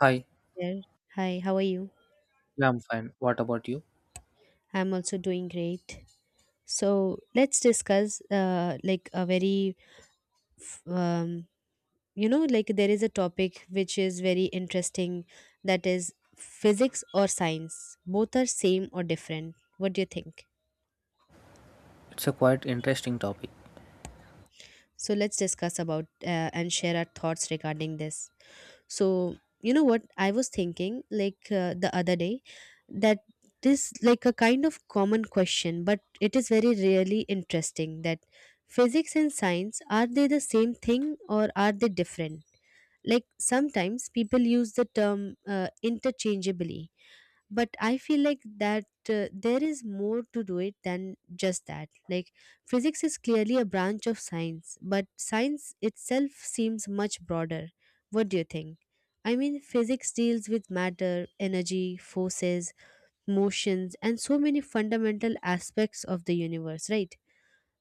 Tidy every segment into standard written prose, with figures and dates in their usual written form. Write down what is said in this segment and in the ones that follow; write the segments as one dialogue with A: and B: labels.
A: Hi,
B: There. Hi, how are you?
A: yeah, I'm fine. What about you?
B: I'm also doing great. So let's discuss like a very, f- you know, like there is a topic which is very interesting, that is physics or science. Both are same or different? What do you think?
A: It's a quite interesting topic.
B: So let's discuss about and share our thoughts regarding this. So, you know what I was thinking, like, the other day, that this, like, a kind of common question, but it is very really interesting that physics and science, are they the same thing or are they different? Like sometimes people use the term interchangeably, but I feel like that there is more to do it than just that. Like physics is clearly a branch of science, but science itself seems much broader. What do you think? I mean, physics deals with matter, energy, forces, motions, and so many fundamental aspects of the universe, right?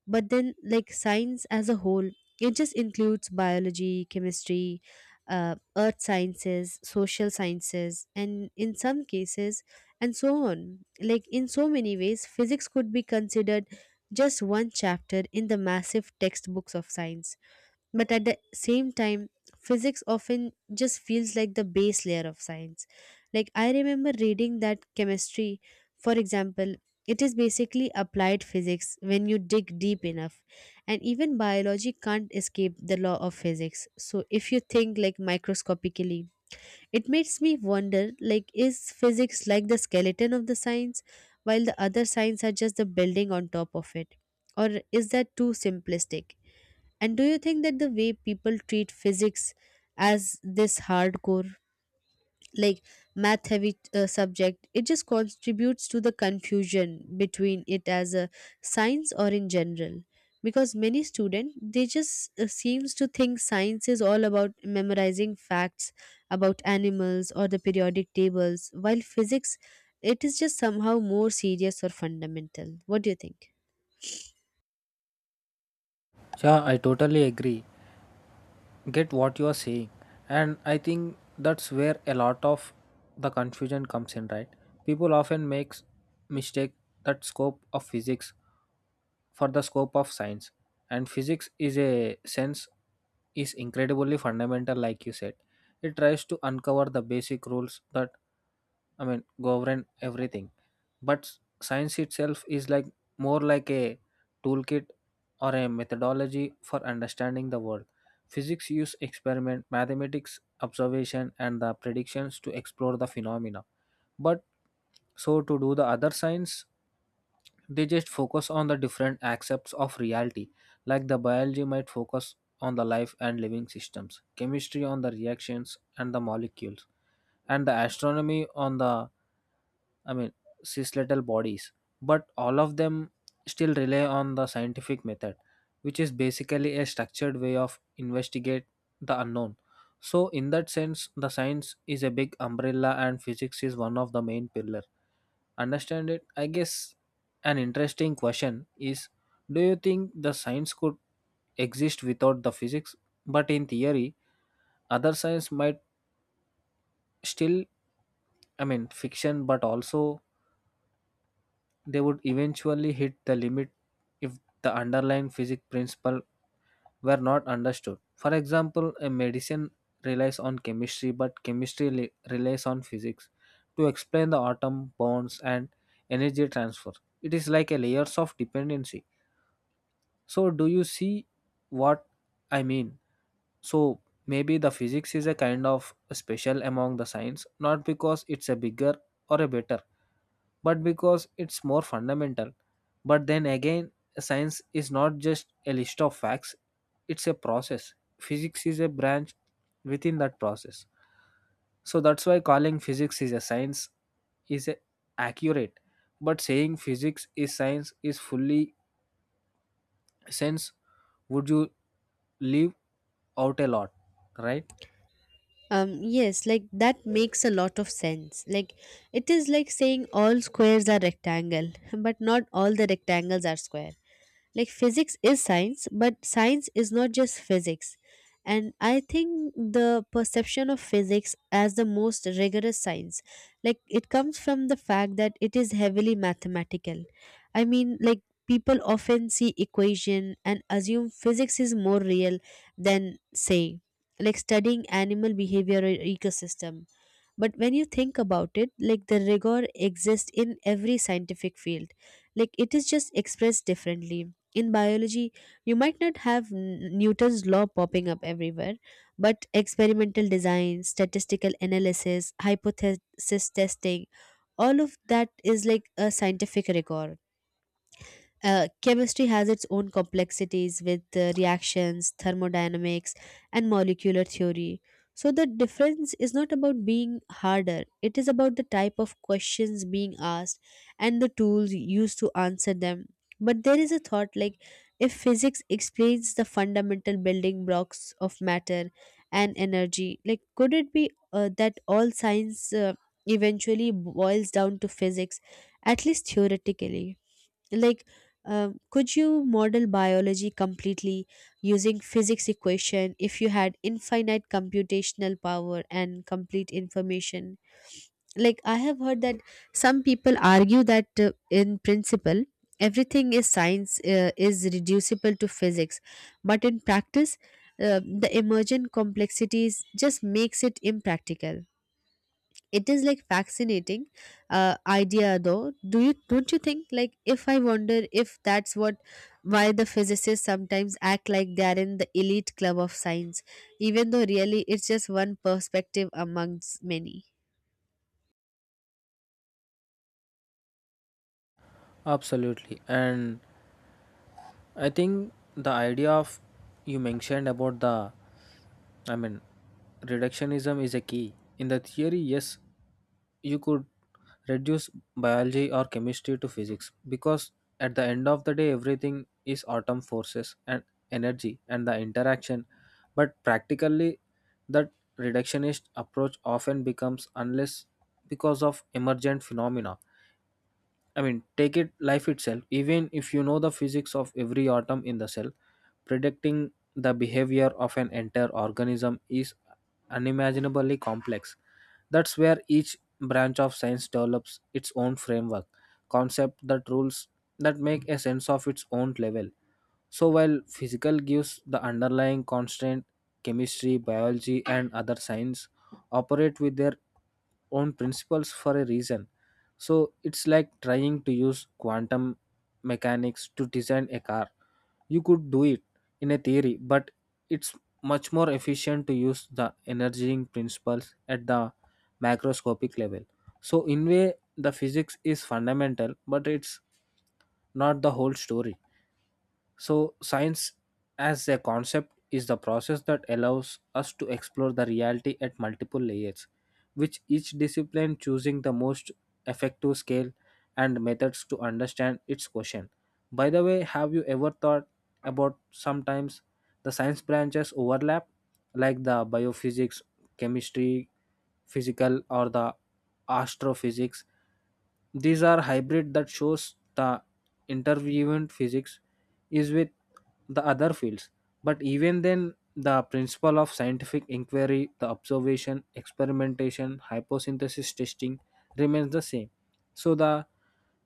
B: But then, like, science as a whole, it just includes biology, chemistry, earth sciences, social sciences, and in some cases, and so on. Like in so many ways, physics could be considered just one chapter in the massive textbooks of science. But at the same time, physics often just feels like the base layer of science. Like, I remember reading that chemistry, for example, it is basically applied physics when you dig deep enough. And even biology can't escape the law of physics. So, if you think like microscopically, it makes me wonder, like, is physics like the skeleton of the science, while the other science are just the building on top of it? Or is that too simplistic? And do you think that the way people treat physics as this hardcore, like math heavy subject, it just contributes to the confusion between it as a science or in general? Because many students, they just seems to think science is all about memorizing facts about animals or the periodic tables, while physics, it is just somehow more serious or fundamental. What do you think?
A: Yeah, I totally agree. Get what you are saying. And I think that's where a lot of the confusion comes in, right? People often makes mistake that scope of physics for the scope of science. And physics is a sense is incredibly fundamental like you said. It tries to uncover the basic rules that govern everything. But science itself is like more like a toolkit or a methodology for understanding the world. Physics use experiment, mathematics observation, and the predictions to explore the phenomena. But so to do the other science, they just focus on the different aspects of reality. Like the biology might focus on the life and living systems, chemistry on the reactions and the molecules, and the astronomy on the I mean, cis-little bodies, but all of them still rely on the scientific method, which is basically a structured way of investigate the unknown. So, in that sense, the science is a big umbrella, and physics is one of the main pillar. Understand it? I guess an interesting question is: do you think the science could exist without the physics? But in theory, other science might still, fiction, but also they would eventually hit the limit if the underlying physics principle were not understood. For example, a medicine relies on chemistry, but relies on physics to explain the atom bonds and energy transfer. It is like a layers of dependency. So, do you see what I mean? So, maybe the physics is a kind of special among the science, not because it's a bigger or a better but because it's more fundamental. But then again, science is not just a list of facts, it's a process. Physics is a branch within that process. So that's why calling physics is a science is accurate. But saying physics is science is fully sense would you leave out a lot, right?
B: Yes, like that makes a lot of sense. Like it is like saying all squares are rectangle, but not all the rectangles are square. Like physics is science, but science is not just physics. And I think the perception of physics as the most rigorous science, like it comes from the fact that it is heavily mathematical. I mean, like, people often see equation and assume physics is more real than, say, like studying animal behavior or ecosystem. But when you think about it, like, the rigor exists in every scientific field. Like it is just expressed differently. In biology, you might not have Newton's law popping up everywhere, but experimental design, statistical analysis, hypothesis testing, all of that is like a scientific rigor. Chemistry has its own complexities with reactions, thermodynamics, and molecular theory. So, the difference is not about being harder, it is about the type of questions being asked and the tools used to answer them. But there is a thought, like, if physics explains the fundamental building blocks of matter and energy, like, could it be that all science eventually boils down to physics, at least theoretically? Like, could you model biology completely using physics equation if you had infinite computational power and complete information? Like, I have heard that some people argue that in principle, everything is science is reducible to physics, but in practice, the emergent complexities just makes it impractical. It is like fascinating idea, though. Do you don't you think, like, if I wonder if that's what why the physicists sometimes act like they are in the elite club of science, even though really it's just one perspective amongst many.
A: Absolutely. And I think the idea of you mentioned about the I mean, reductionism is a key. In the theory, yes, you could reduce biology or chemistry to physics because at the end of the day, everything is atom forces and energy and the interaction. But practically, that reductionist approach often becomes unless because of emergent phenomena. Take it life itself. Even if you know the physics of every atom in the cell, predicting the behavior of an entire organism is unimaginably complex. That's where each branch of science develops its own framework, concept that rules that make a sense of its own level. So while physical gives the underlying constant, chemistry, biology, and other science operate with their own principles for a reason so it's like trying to use quantum mechanics to design a car. You could do it in a theory, but it's much more efficient to use the energizing principles at the macroscopic level. So in way the physics is fundamental, but it's not the whole story. So, science as a concept is the process that allows us to explore the reality at multiple layers, which each discipline choosing the most effective scale and methods to understand its question. By the way, have you ever thought about sometimes the science branches overlap, like the biophysics chemistry, physical, or the astrophysics. These are hybrid that shows the intervivent physics is with the other fields. But even then, the principle of scientific inquiry, the observation, experimentation, hyposynthesis testing remains the same. So the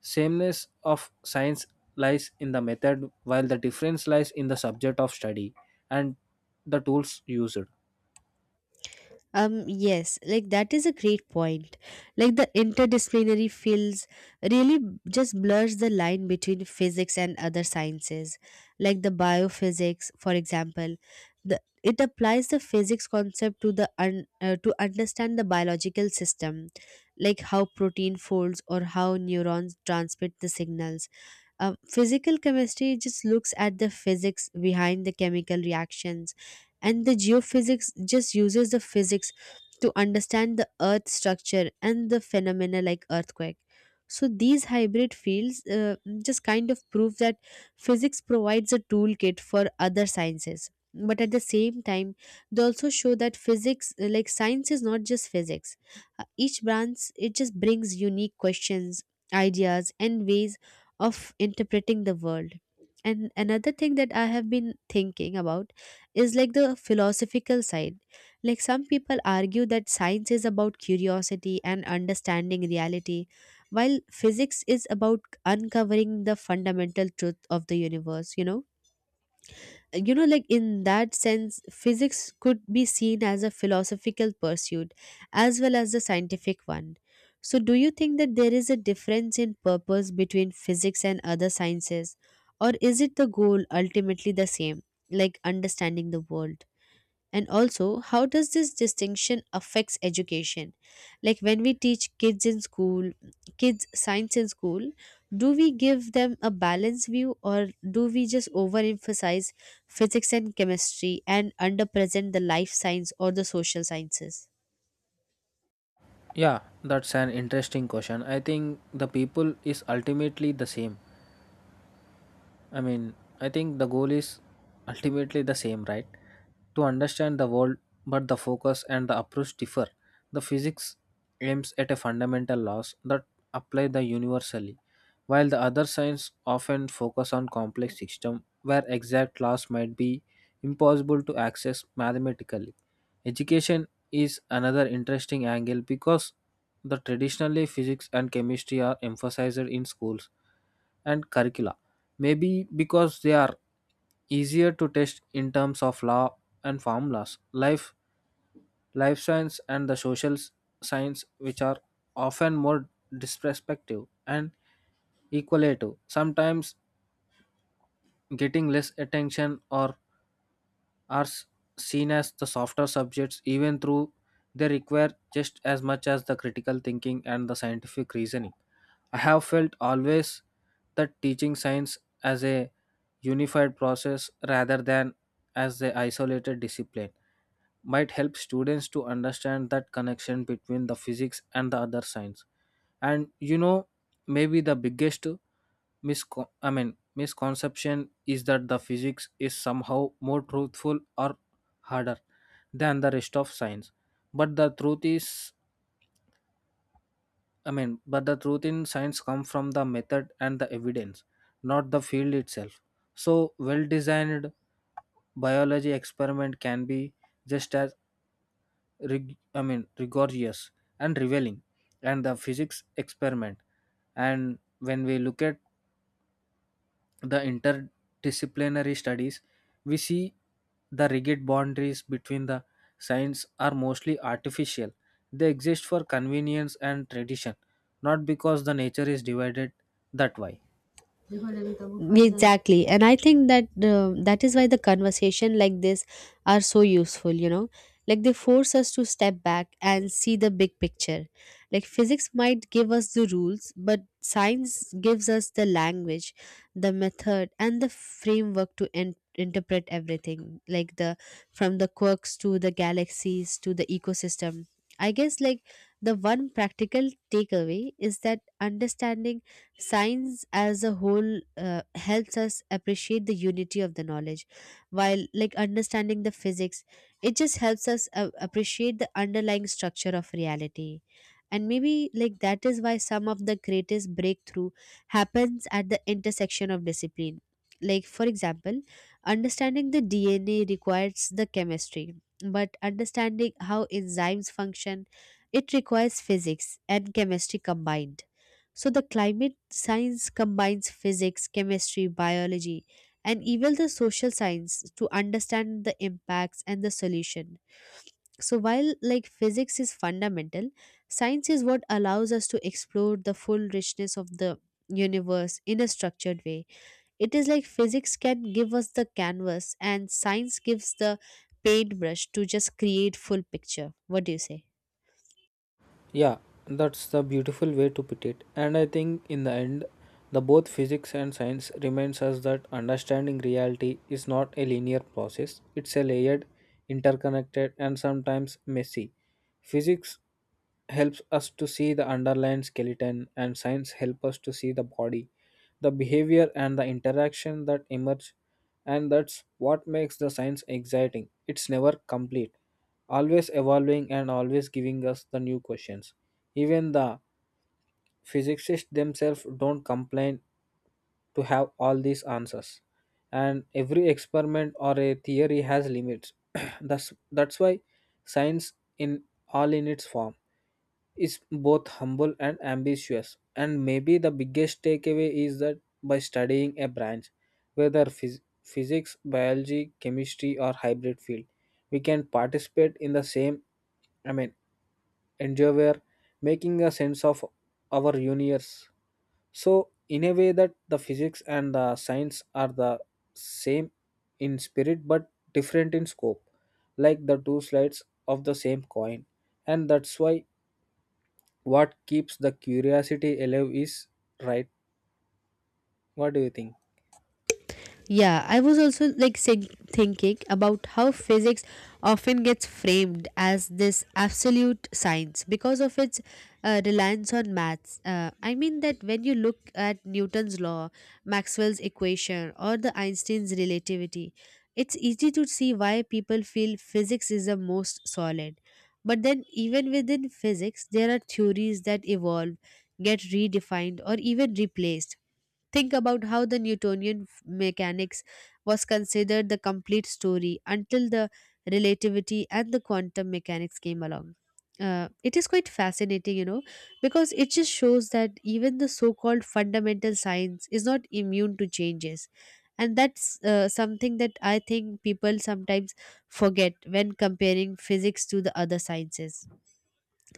A: sameness of science lies in the method while the difference lies in the subject of study and the tools used.
B: Yes, like that is a great point. Like the interdisciplinary fields really just blurs the line between physics and other sciences. Like the biophysics, for example, the it applies the physics concept to to understand the biological system, like how protein folds or how neurons transmit the signals. Physical chemistry just looks at the physics behind the chemical reactions, and the geophysics just uses the physics to understand the earth structure and the phenomena like earthquake. So these hybrid fields just kind of prove that physics provides a toolkit for other sciences. But at the same time, they also show that physics, like science, is not just physics. Each branch, it just brings unique questions, ideas, and ways of interpreting the world. And another thing that I have been thinking about is like the philosophical side. Like some people argue that science is about curiosity and understanding reality, while physics is about uncovering the fundamental truth of the universe, you know, like in that sense, physics could be seen as a philosophical pursuit as well as a scientific one. So do you think that there is a difference in purpose between physics and other sciences, or is it the goal ultimately the same, like understanding the world? And also, how does this distinction affects education? Like when we teach kids science in school, do we give them a balanced view, or do we just overemphasize physics and chemistry and underpresent the life science or the social sciences?
A: Yeah, that's an interesting question. I think the people is ultimately the same. I mean, I think the goal is ultimately the same, right? To understand the world, but the focus and the approach differ. The physics aims at a fundamental laws that apply the universally, while the other science often focus on complex system where exact laws might be impossible to access mathematically. Education is another interesting angle because the traditionally physics and chemistry are emphasized in schools and curricula. Maybe because they are easier to test in terms of law and formulas, life science, and the social science, which are often more disrespective and equalative, sometimes getting less attention or are seen as the softer subjects, even though they require just as much as the critical thinking and the scientific reasoning. I have felt always that teaching science as a unified process rather than as a isolated discipline might help students to understand that connection between the physics and the other science. And you know, maybe the biggest misconception is that the physics is somehow more truthful or harder than the rest of science. But the truth is. But the truth in science comes from the method and the evidence, not the field itself. So, well designed biology experiment can be just as rigorous and revealing, and the physics experiment. And when we look at the interdisciplinary studies, we see the rigid boundaries between the science are mostly artificial. They exist for convenience and tradition, not because the nature is divided that way.
B: Exactly. And I think that that is why the conversation like this are so useful, you know. Like they force us to step back and see the big picture. Like physics might give us the rules, but science gives us the language, the method, and the framework to interpret everything, like the from the quirks to the galaxies to the ecosystem. I guess, like, the one practical takeaway is that understanding science as a whole helps us appreciate the unity of the knowledge, while like understanding the physics, it just helps us appreciate the underlying structure of reality. And maybe like that is why some of the greatest breakthrough happens at the intersection of discipline. Like for example, understanding the DNA requires the chemistry, but understanding how enzymes function, it requires physics and chemistry combined. So the climate science combines physics, chemistry, biology, and even the social science to understand the impacts and the solution. So while, like, physics is fundamental, science is what allows us to explore the full richness of the universe in a structured way. It is like physics can give us the canvas and science gives the paintbrush to just create full picture. What do you say?
A: Yeah, that's the beautiful way to put it. And I think in the end, the both physics and science reminds us that understanding reality is not a linear process. It's a layered, interconnected, and sometimes messy. Physics helps us to see the underlying skeleton and science help us to see the body, the behavior and the interaction that emerge and that's what makes the science exciting. It's never complete always evolving and always giving us the new questions. Even the physicists themselves don't complain to have all these answers. And every experiment or a theory has limits. That's why science, in all in its form, is both humble and ambitious. And maybe the biggest takeaway is that by studying a branch, whether physics, biology, chemistry, or hybrid field, we can participate in the same. I mean, endeavor, making a sense of our universe. So, in a way, that the physics and the science are the same in spirit but different in scope, like the two sides of the same coin. And that's why what keeps the curiosity alive is right. What do you think?
B: Yeah, I was also like saying, thinking about how physics often gets framed as this absolute science because of its reliance on maths. I mean that when you look at Newton's law, Maxwell's equation, or the Einstein's relativity, it's easy to see why people feel physics is the most solid. But then, even within physics, there are theories that evolve, get redefined, or even replaced. Think about how the Newtonian mechanics was considered the complete story until the relativity and the quantum mechanics came along. It is quite fascinating, you know, because it just shows that even the so called fundamental science is not immune to changes. And that's something that I think people sometimes forget when comparing physics to the other sciences,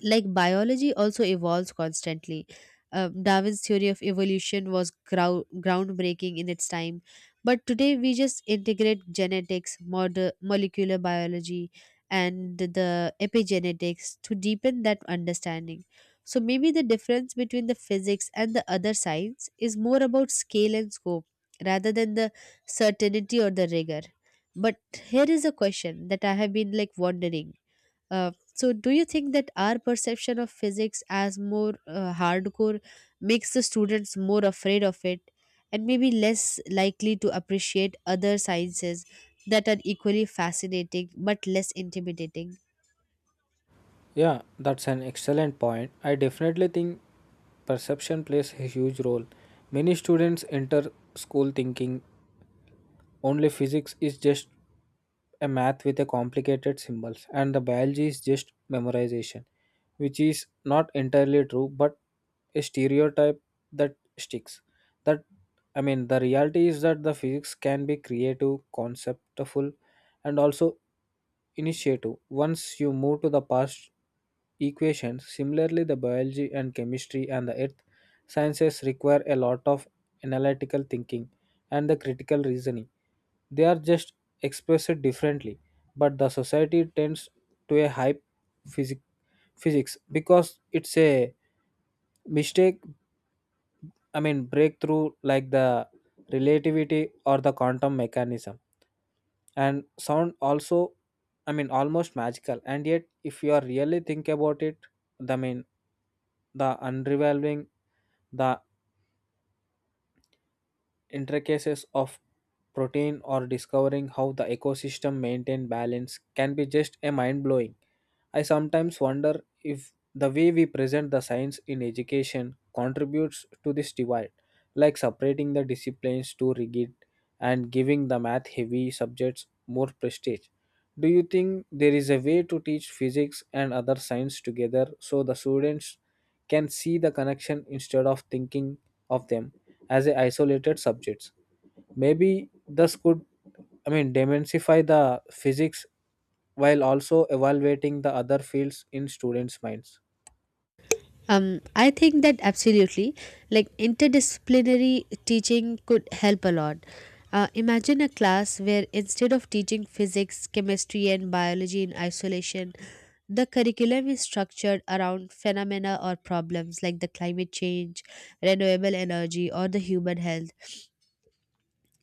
B: like biology also evolves constantly. Darwin's theory of evolution was groundbreaking in its time, but today we just integrate genetics, molecular biology, and the epigenetics to deepen that understanding. So maybe the difference between the physics and the other science is more about scale and scope rather than the certainty or the rigor. But here is a question that I have been like wondering. So, do you think that our perception of physics as more hardcore makes the students more afraid of it, and maybe less likely to appreciate other sciences that are equally fascinating but less intimidating?
A: Yeah, that's an excellent point. I definitely think perception plays a huge role. Many students enter school thinking only physics is just a math with a complicated symbols and the biology is just memorization which is not entirely true but a stereotype that sticks that I mean the reality is that the physics can be creative conceptful and also initiative. Once you move to the past equations, similarly, the biology and chemistry and the earth sciences require a lot of analytical thinking and the critical reasoning. They are just expressed differently, but the society tends to a hype physic- physics because it's a mistake. Breakthrough like the relativity or the quantum mechanism and sound also I mean almost magical and yet if you are really think about it the mean the unraveling the intricacies of protein or discovering how the ecosystem maintain balance can be just a mind blowing. I sometimes wonder if the way we present the science in education contributes to this divide, like separating the disciplines too rigid and giving the math heavy subjects more prestige. Do you think there is a way to teach physics and other science together so the students can see the connection instead of thinking of them as a isolated subjects. Maybe this could demystify the physics while also evaluating the other fields in students' minds.
B: I think that absolutely, like interdisciplinary teaching could help a lot. Imagine a class where instead of teaching physics, chemistry, and biology in isolation, the curriculum is structured around phenomena or problems like the climate change, renewable energy, or the human health.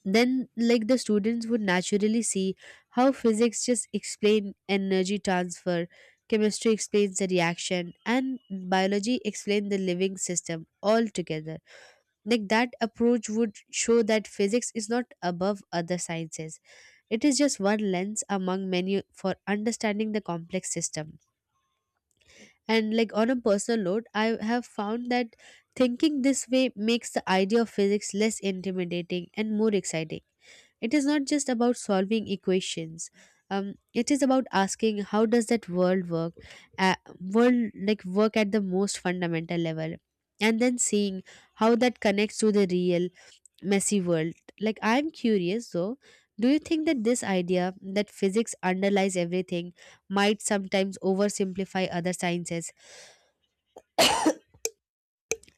B: Then like the students would naturally see how physics just explain energy transfer, chemistry explains the reaction, and biology explain the living system all together. Like that approach would show that physics is not above other sciences, it is just one lens among many for understanding the complex system. And like on a personal note, I have found that thinking this way makes the idea of physics less intimidating and more exciting. It is not just about solving equations. It is about asking how does that world work, world like work at the most fundamental level, and then seeing how that connects to the real messy world. Like I'm curious, though, do you think that this idea that physics underlies everything might sometimes oversimplify other sciences?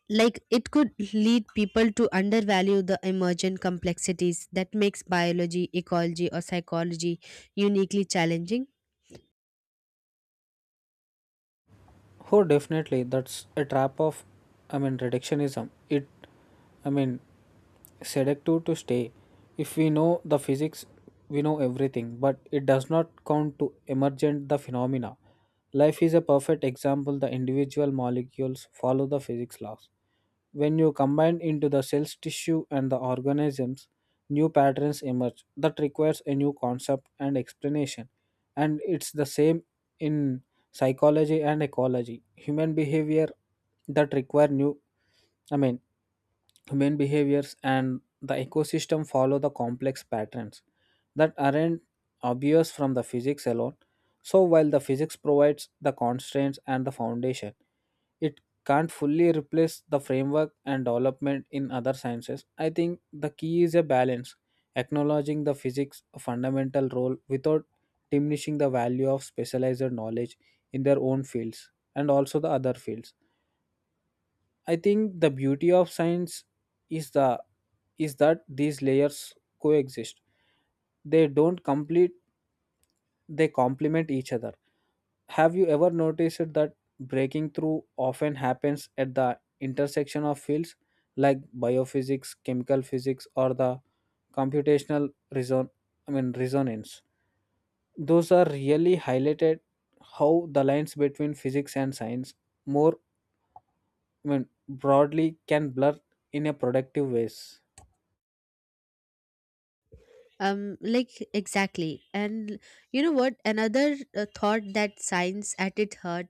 B: Like it could lead people to undervalue the emergent complexities that makes biology, ecology, or psychology uniquely challenging.
A: Oh, definitely. That's a trap of reductionism. I mean, seductive to stay. If we know the physics, we know everything, but it does not count to emergent the phenomena. Life is a perfect example. The individual molecules follow the physics laws, when you combine into the cells, tissue, and the organisms, new patterns emerge that requires a new concept and explanation. And it's the same in psychology and ecology. Human behavior that require new I mean Human behaviors and the ecosystem follow the complex patterns that aren't obvious from the physics alone. So, while the physics provides the constraints and the foundation, it can't fully replace the framework and development in other sciences. I think the key is a balance, acknowledging the physics fundamental role without diminishing the value of specialized knowledge in their own fields and also the other fields I think the beauty of science is the is that these layers coexist. They don't complete they complement each other. Have you ever noticed that breaking through often happens at the intersection of fields like biophysics, chemical physics or the computational reason I mean resonance. Those are really highlighted how the lines between physics and science more when broadly can blur in a productive ways.
B: Exactly, and you know what another thought that science at its heart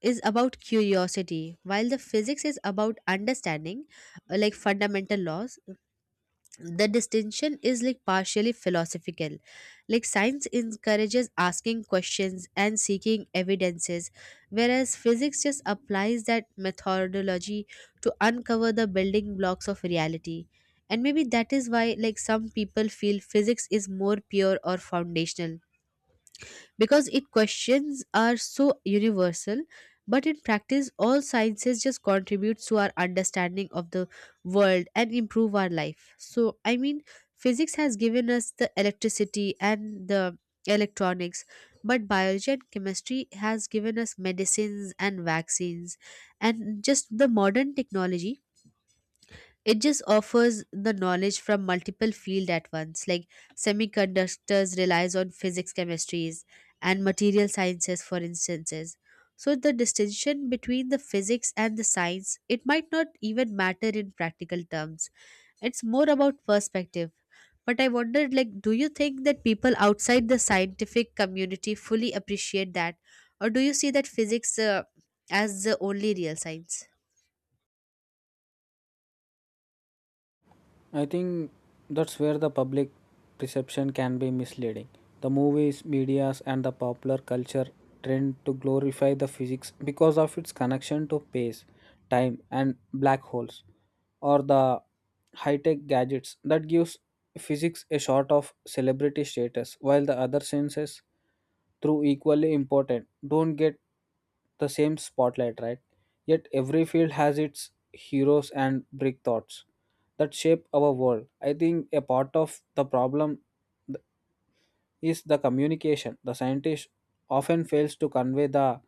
B: is about curiosity, while the physics is about understanding like fundamental laws. The distinction is like partially philosophical. Like, science encourages asking questions and seeking evidences, whereas physics just applies that methodology to uncover the building blocks of reality. And maybe that is why like some people feel physics is more pure or foundational, because its questions are so universal. But in practice, all sciences just contributes to our understanding of the world and improve our life. So, I mean, physics has given us the electricity and the electronics, but biology and chemistry has given us medicines and vaccines and just the modern technology. It just offers the knowledge from multiple fields at once, like semiconductors relies on physics, chemistries, and material sciences, for instances. So the distinction between the physics and the science, it might not even matter in practical terms. It's more about perspective. But I wondered, like, do you think that people outside the scientific community fully appreciate that, or do you see that physics as the only real science?
A: I think that's where the public perception can be misleading. The movies, medias, and the popular culture trend to glorify the physics because of its connection to space, time, and black holes, or the high-tech gadgets that gives physics a sort of celebrity status, while the other sciences, through equally important, don't get the same spotlight, right? Yet every field has its heroes and brick thoughts that shape our world. I think a part of the problem is the communication. The scientist often fails to convey the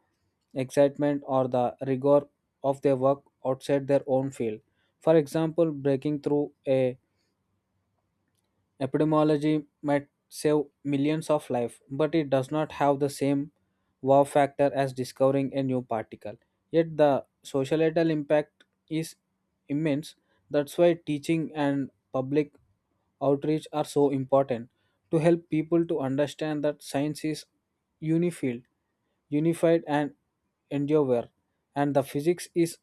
A: excitement or the rigor of their work outside their own field. For example, breaking through a Epidemiology might save millions of lives, but it does not have the same wow factor as discovering a new particle. Yet the societal impact is immense. That's why teaching and public outreach are so important to help people to understand that science is unified, unified and endure, and the physics is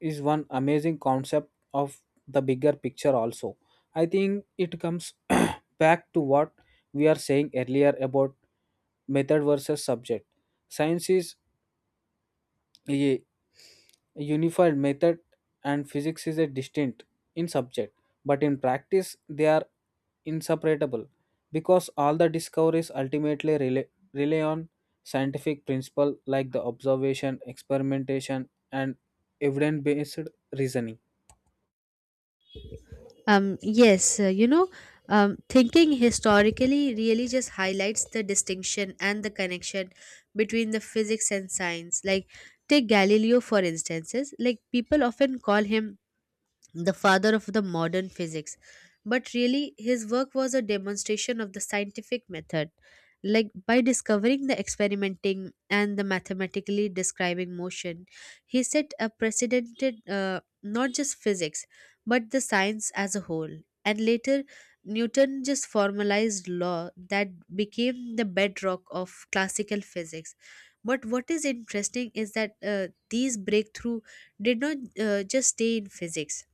A: is one amazing concept of the bigger picture also. I think it comes back to what we are saying earlier about method versus subject. Science is a unified method and physics is a distinct in subject, but in practice they are inseparable because all the discoveries ultimately rely on scientific principle like the observation, experimentation and evidence based reasoning.
B: Yes. Thinking historically really just highlights the distinction and the connection between the physics and science. Like, take Galileo, for instances. Like, people often call him the father of the modern physics. But really, his work was a demonstration of the scientific method. Like, by discovering the experimenting and the mathematically describing motion, he set a precedented not just physics but the science as a whole. And later, Newton just formalized law that became the bedrock of classical physics. But what is interesting is that these breakthrough did not just stay in physics.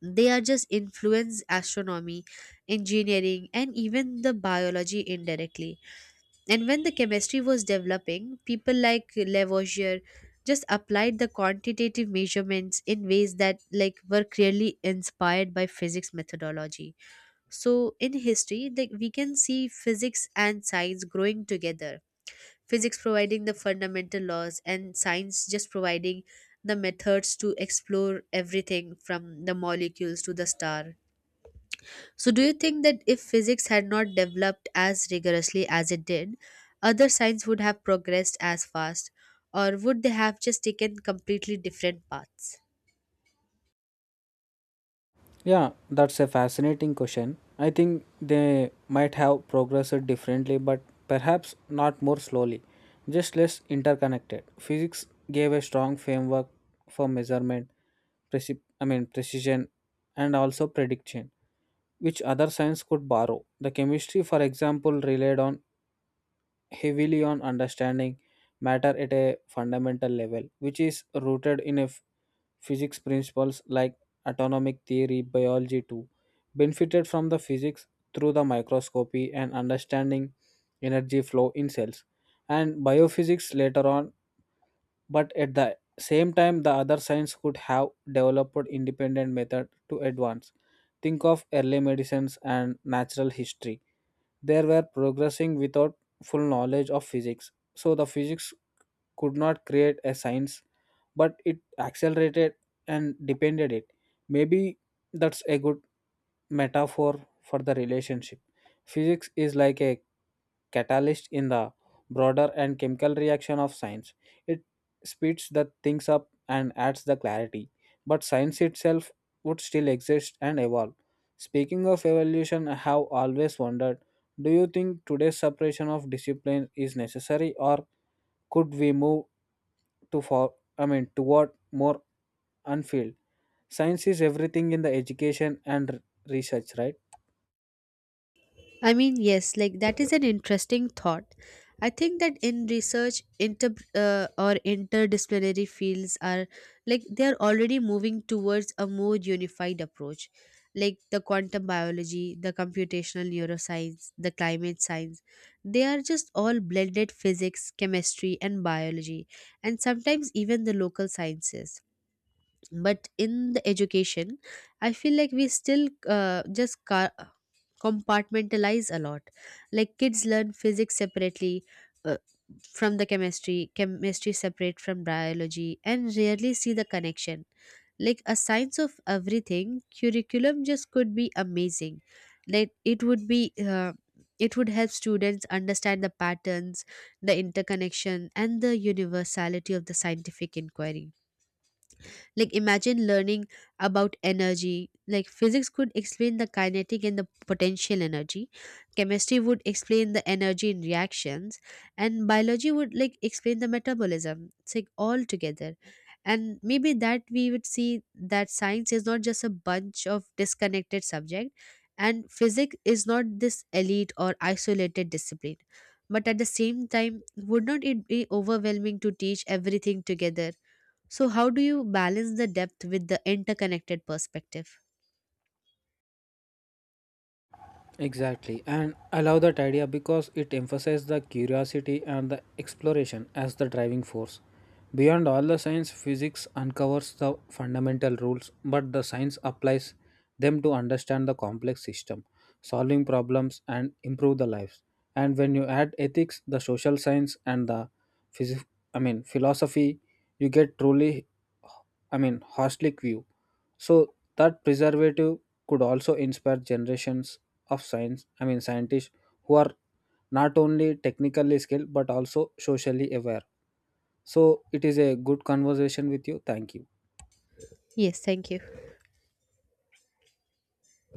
B: They are just influence astronomy, engineering, and even the biology indirectly. And when the chemistry was developing, people like Lavoisier just applied the quantitative measurements in ways that like were clearly inspired by physics methodology. So in history, like, we can see physics and science growing together, physics providing the fundamental laws and science just providing the methods to explore everything from the molecules to the star. So, do you think that if physics had not developed as rigorously as it did, other science would have progressed as fast, or would they have just taken completely different paths?
A: Yeah, that's a fascinating question. I think they might have progressed differently, but perhaps not more slowly, just less interconnected. Physics gave a strong framework for measurement, I mean precision, and also prediction, which other science could borrow. The chemistry, for example, relied on heavily on understanding matter at a fundamental level, which is rooted in Physics principles like atomic theory, biology too, benefited from the physics through the microscopy and understanding energy flow in cells and biophysics later on, but at the same time the other science could have developed independent method to advance. Think of early medicines and natural history, they were progressing without full knowledge of physics, so the physics could not create a science, but it accelerated and depended it. Maybe that's a good metaphor for the relationship. Physics is like a catalyst in the broader and chemical reaction of science. It speeds the things up and adds the clarity. But science itself would still exist and evolve. Speaking of evolution, I have always wondered, do you think today's separation of discipline is necessary, or could we move to for I mean toward more unfilled science is everything in the education and research, right?
B: I mean, yes, like that is an interesting thought. I think that in research, interdisciplinary fields are like they are already moving towards a more unified approach, like the quantum biology, the computational neuroscience, the climate science. They are just all blended physics, chemistry, and biology, and sometimes even the local sciences. But in the education, I feel like we still just compartmentalize a lot. Like, kids learn physics separately, uh, from the chemistry, chemistry separate from biology, and rarely see the connection. Like a science of everything curriculum just could be amazing. Like, it would help students understand the patterns, the interconnection, and the universality of the scientific inquiry. Like imagine learning about energy. Like, physics could explain the kinetic and the potential energy. Chemistry would explain the energy in reactions, and biology would like explain the metabolism. It's like all together. And maybe that we would see that science is not just a bunch of disconnected subject and physics is not this elite or isolated discipline. But at the same time, would not it be overwhelming to teach everything together? So, how do you balance the depth with the interconnected perspective?
A: Exactly, and I love that idea because it emphasizes the curiosity and the exploration as the driving force. Beyond all the science, physics uncovers the fundamental rules, but the science applies them to understand the complex system, solving problems, and improve the lives. And when you add ethics, the social science, and the phys- I mean philosophy, you get truly holistic view. So that preservative could also inspire generations of I mean, scientists who are not only technically skilled but also socially aware. So it is a good conversation with you. Thank you.
B: Yes, thank you.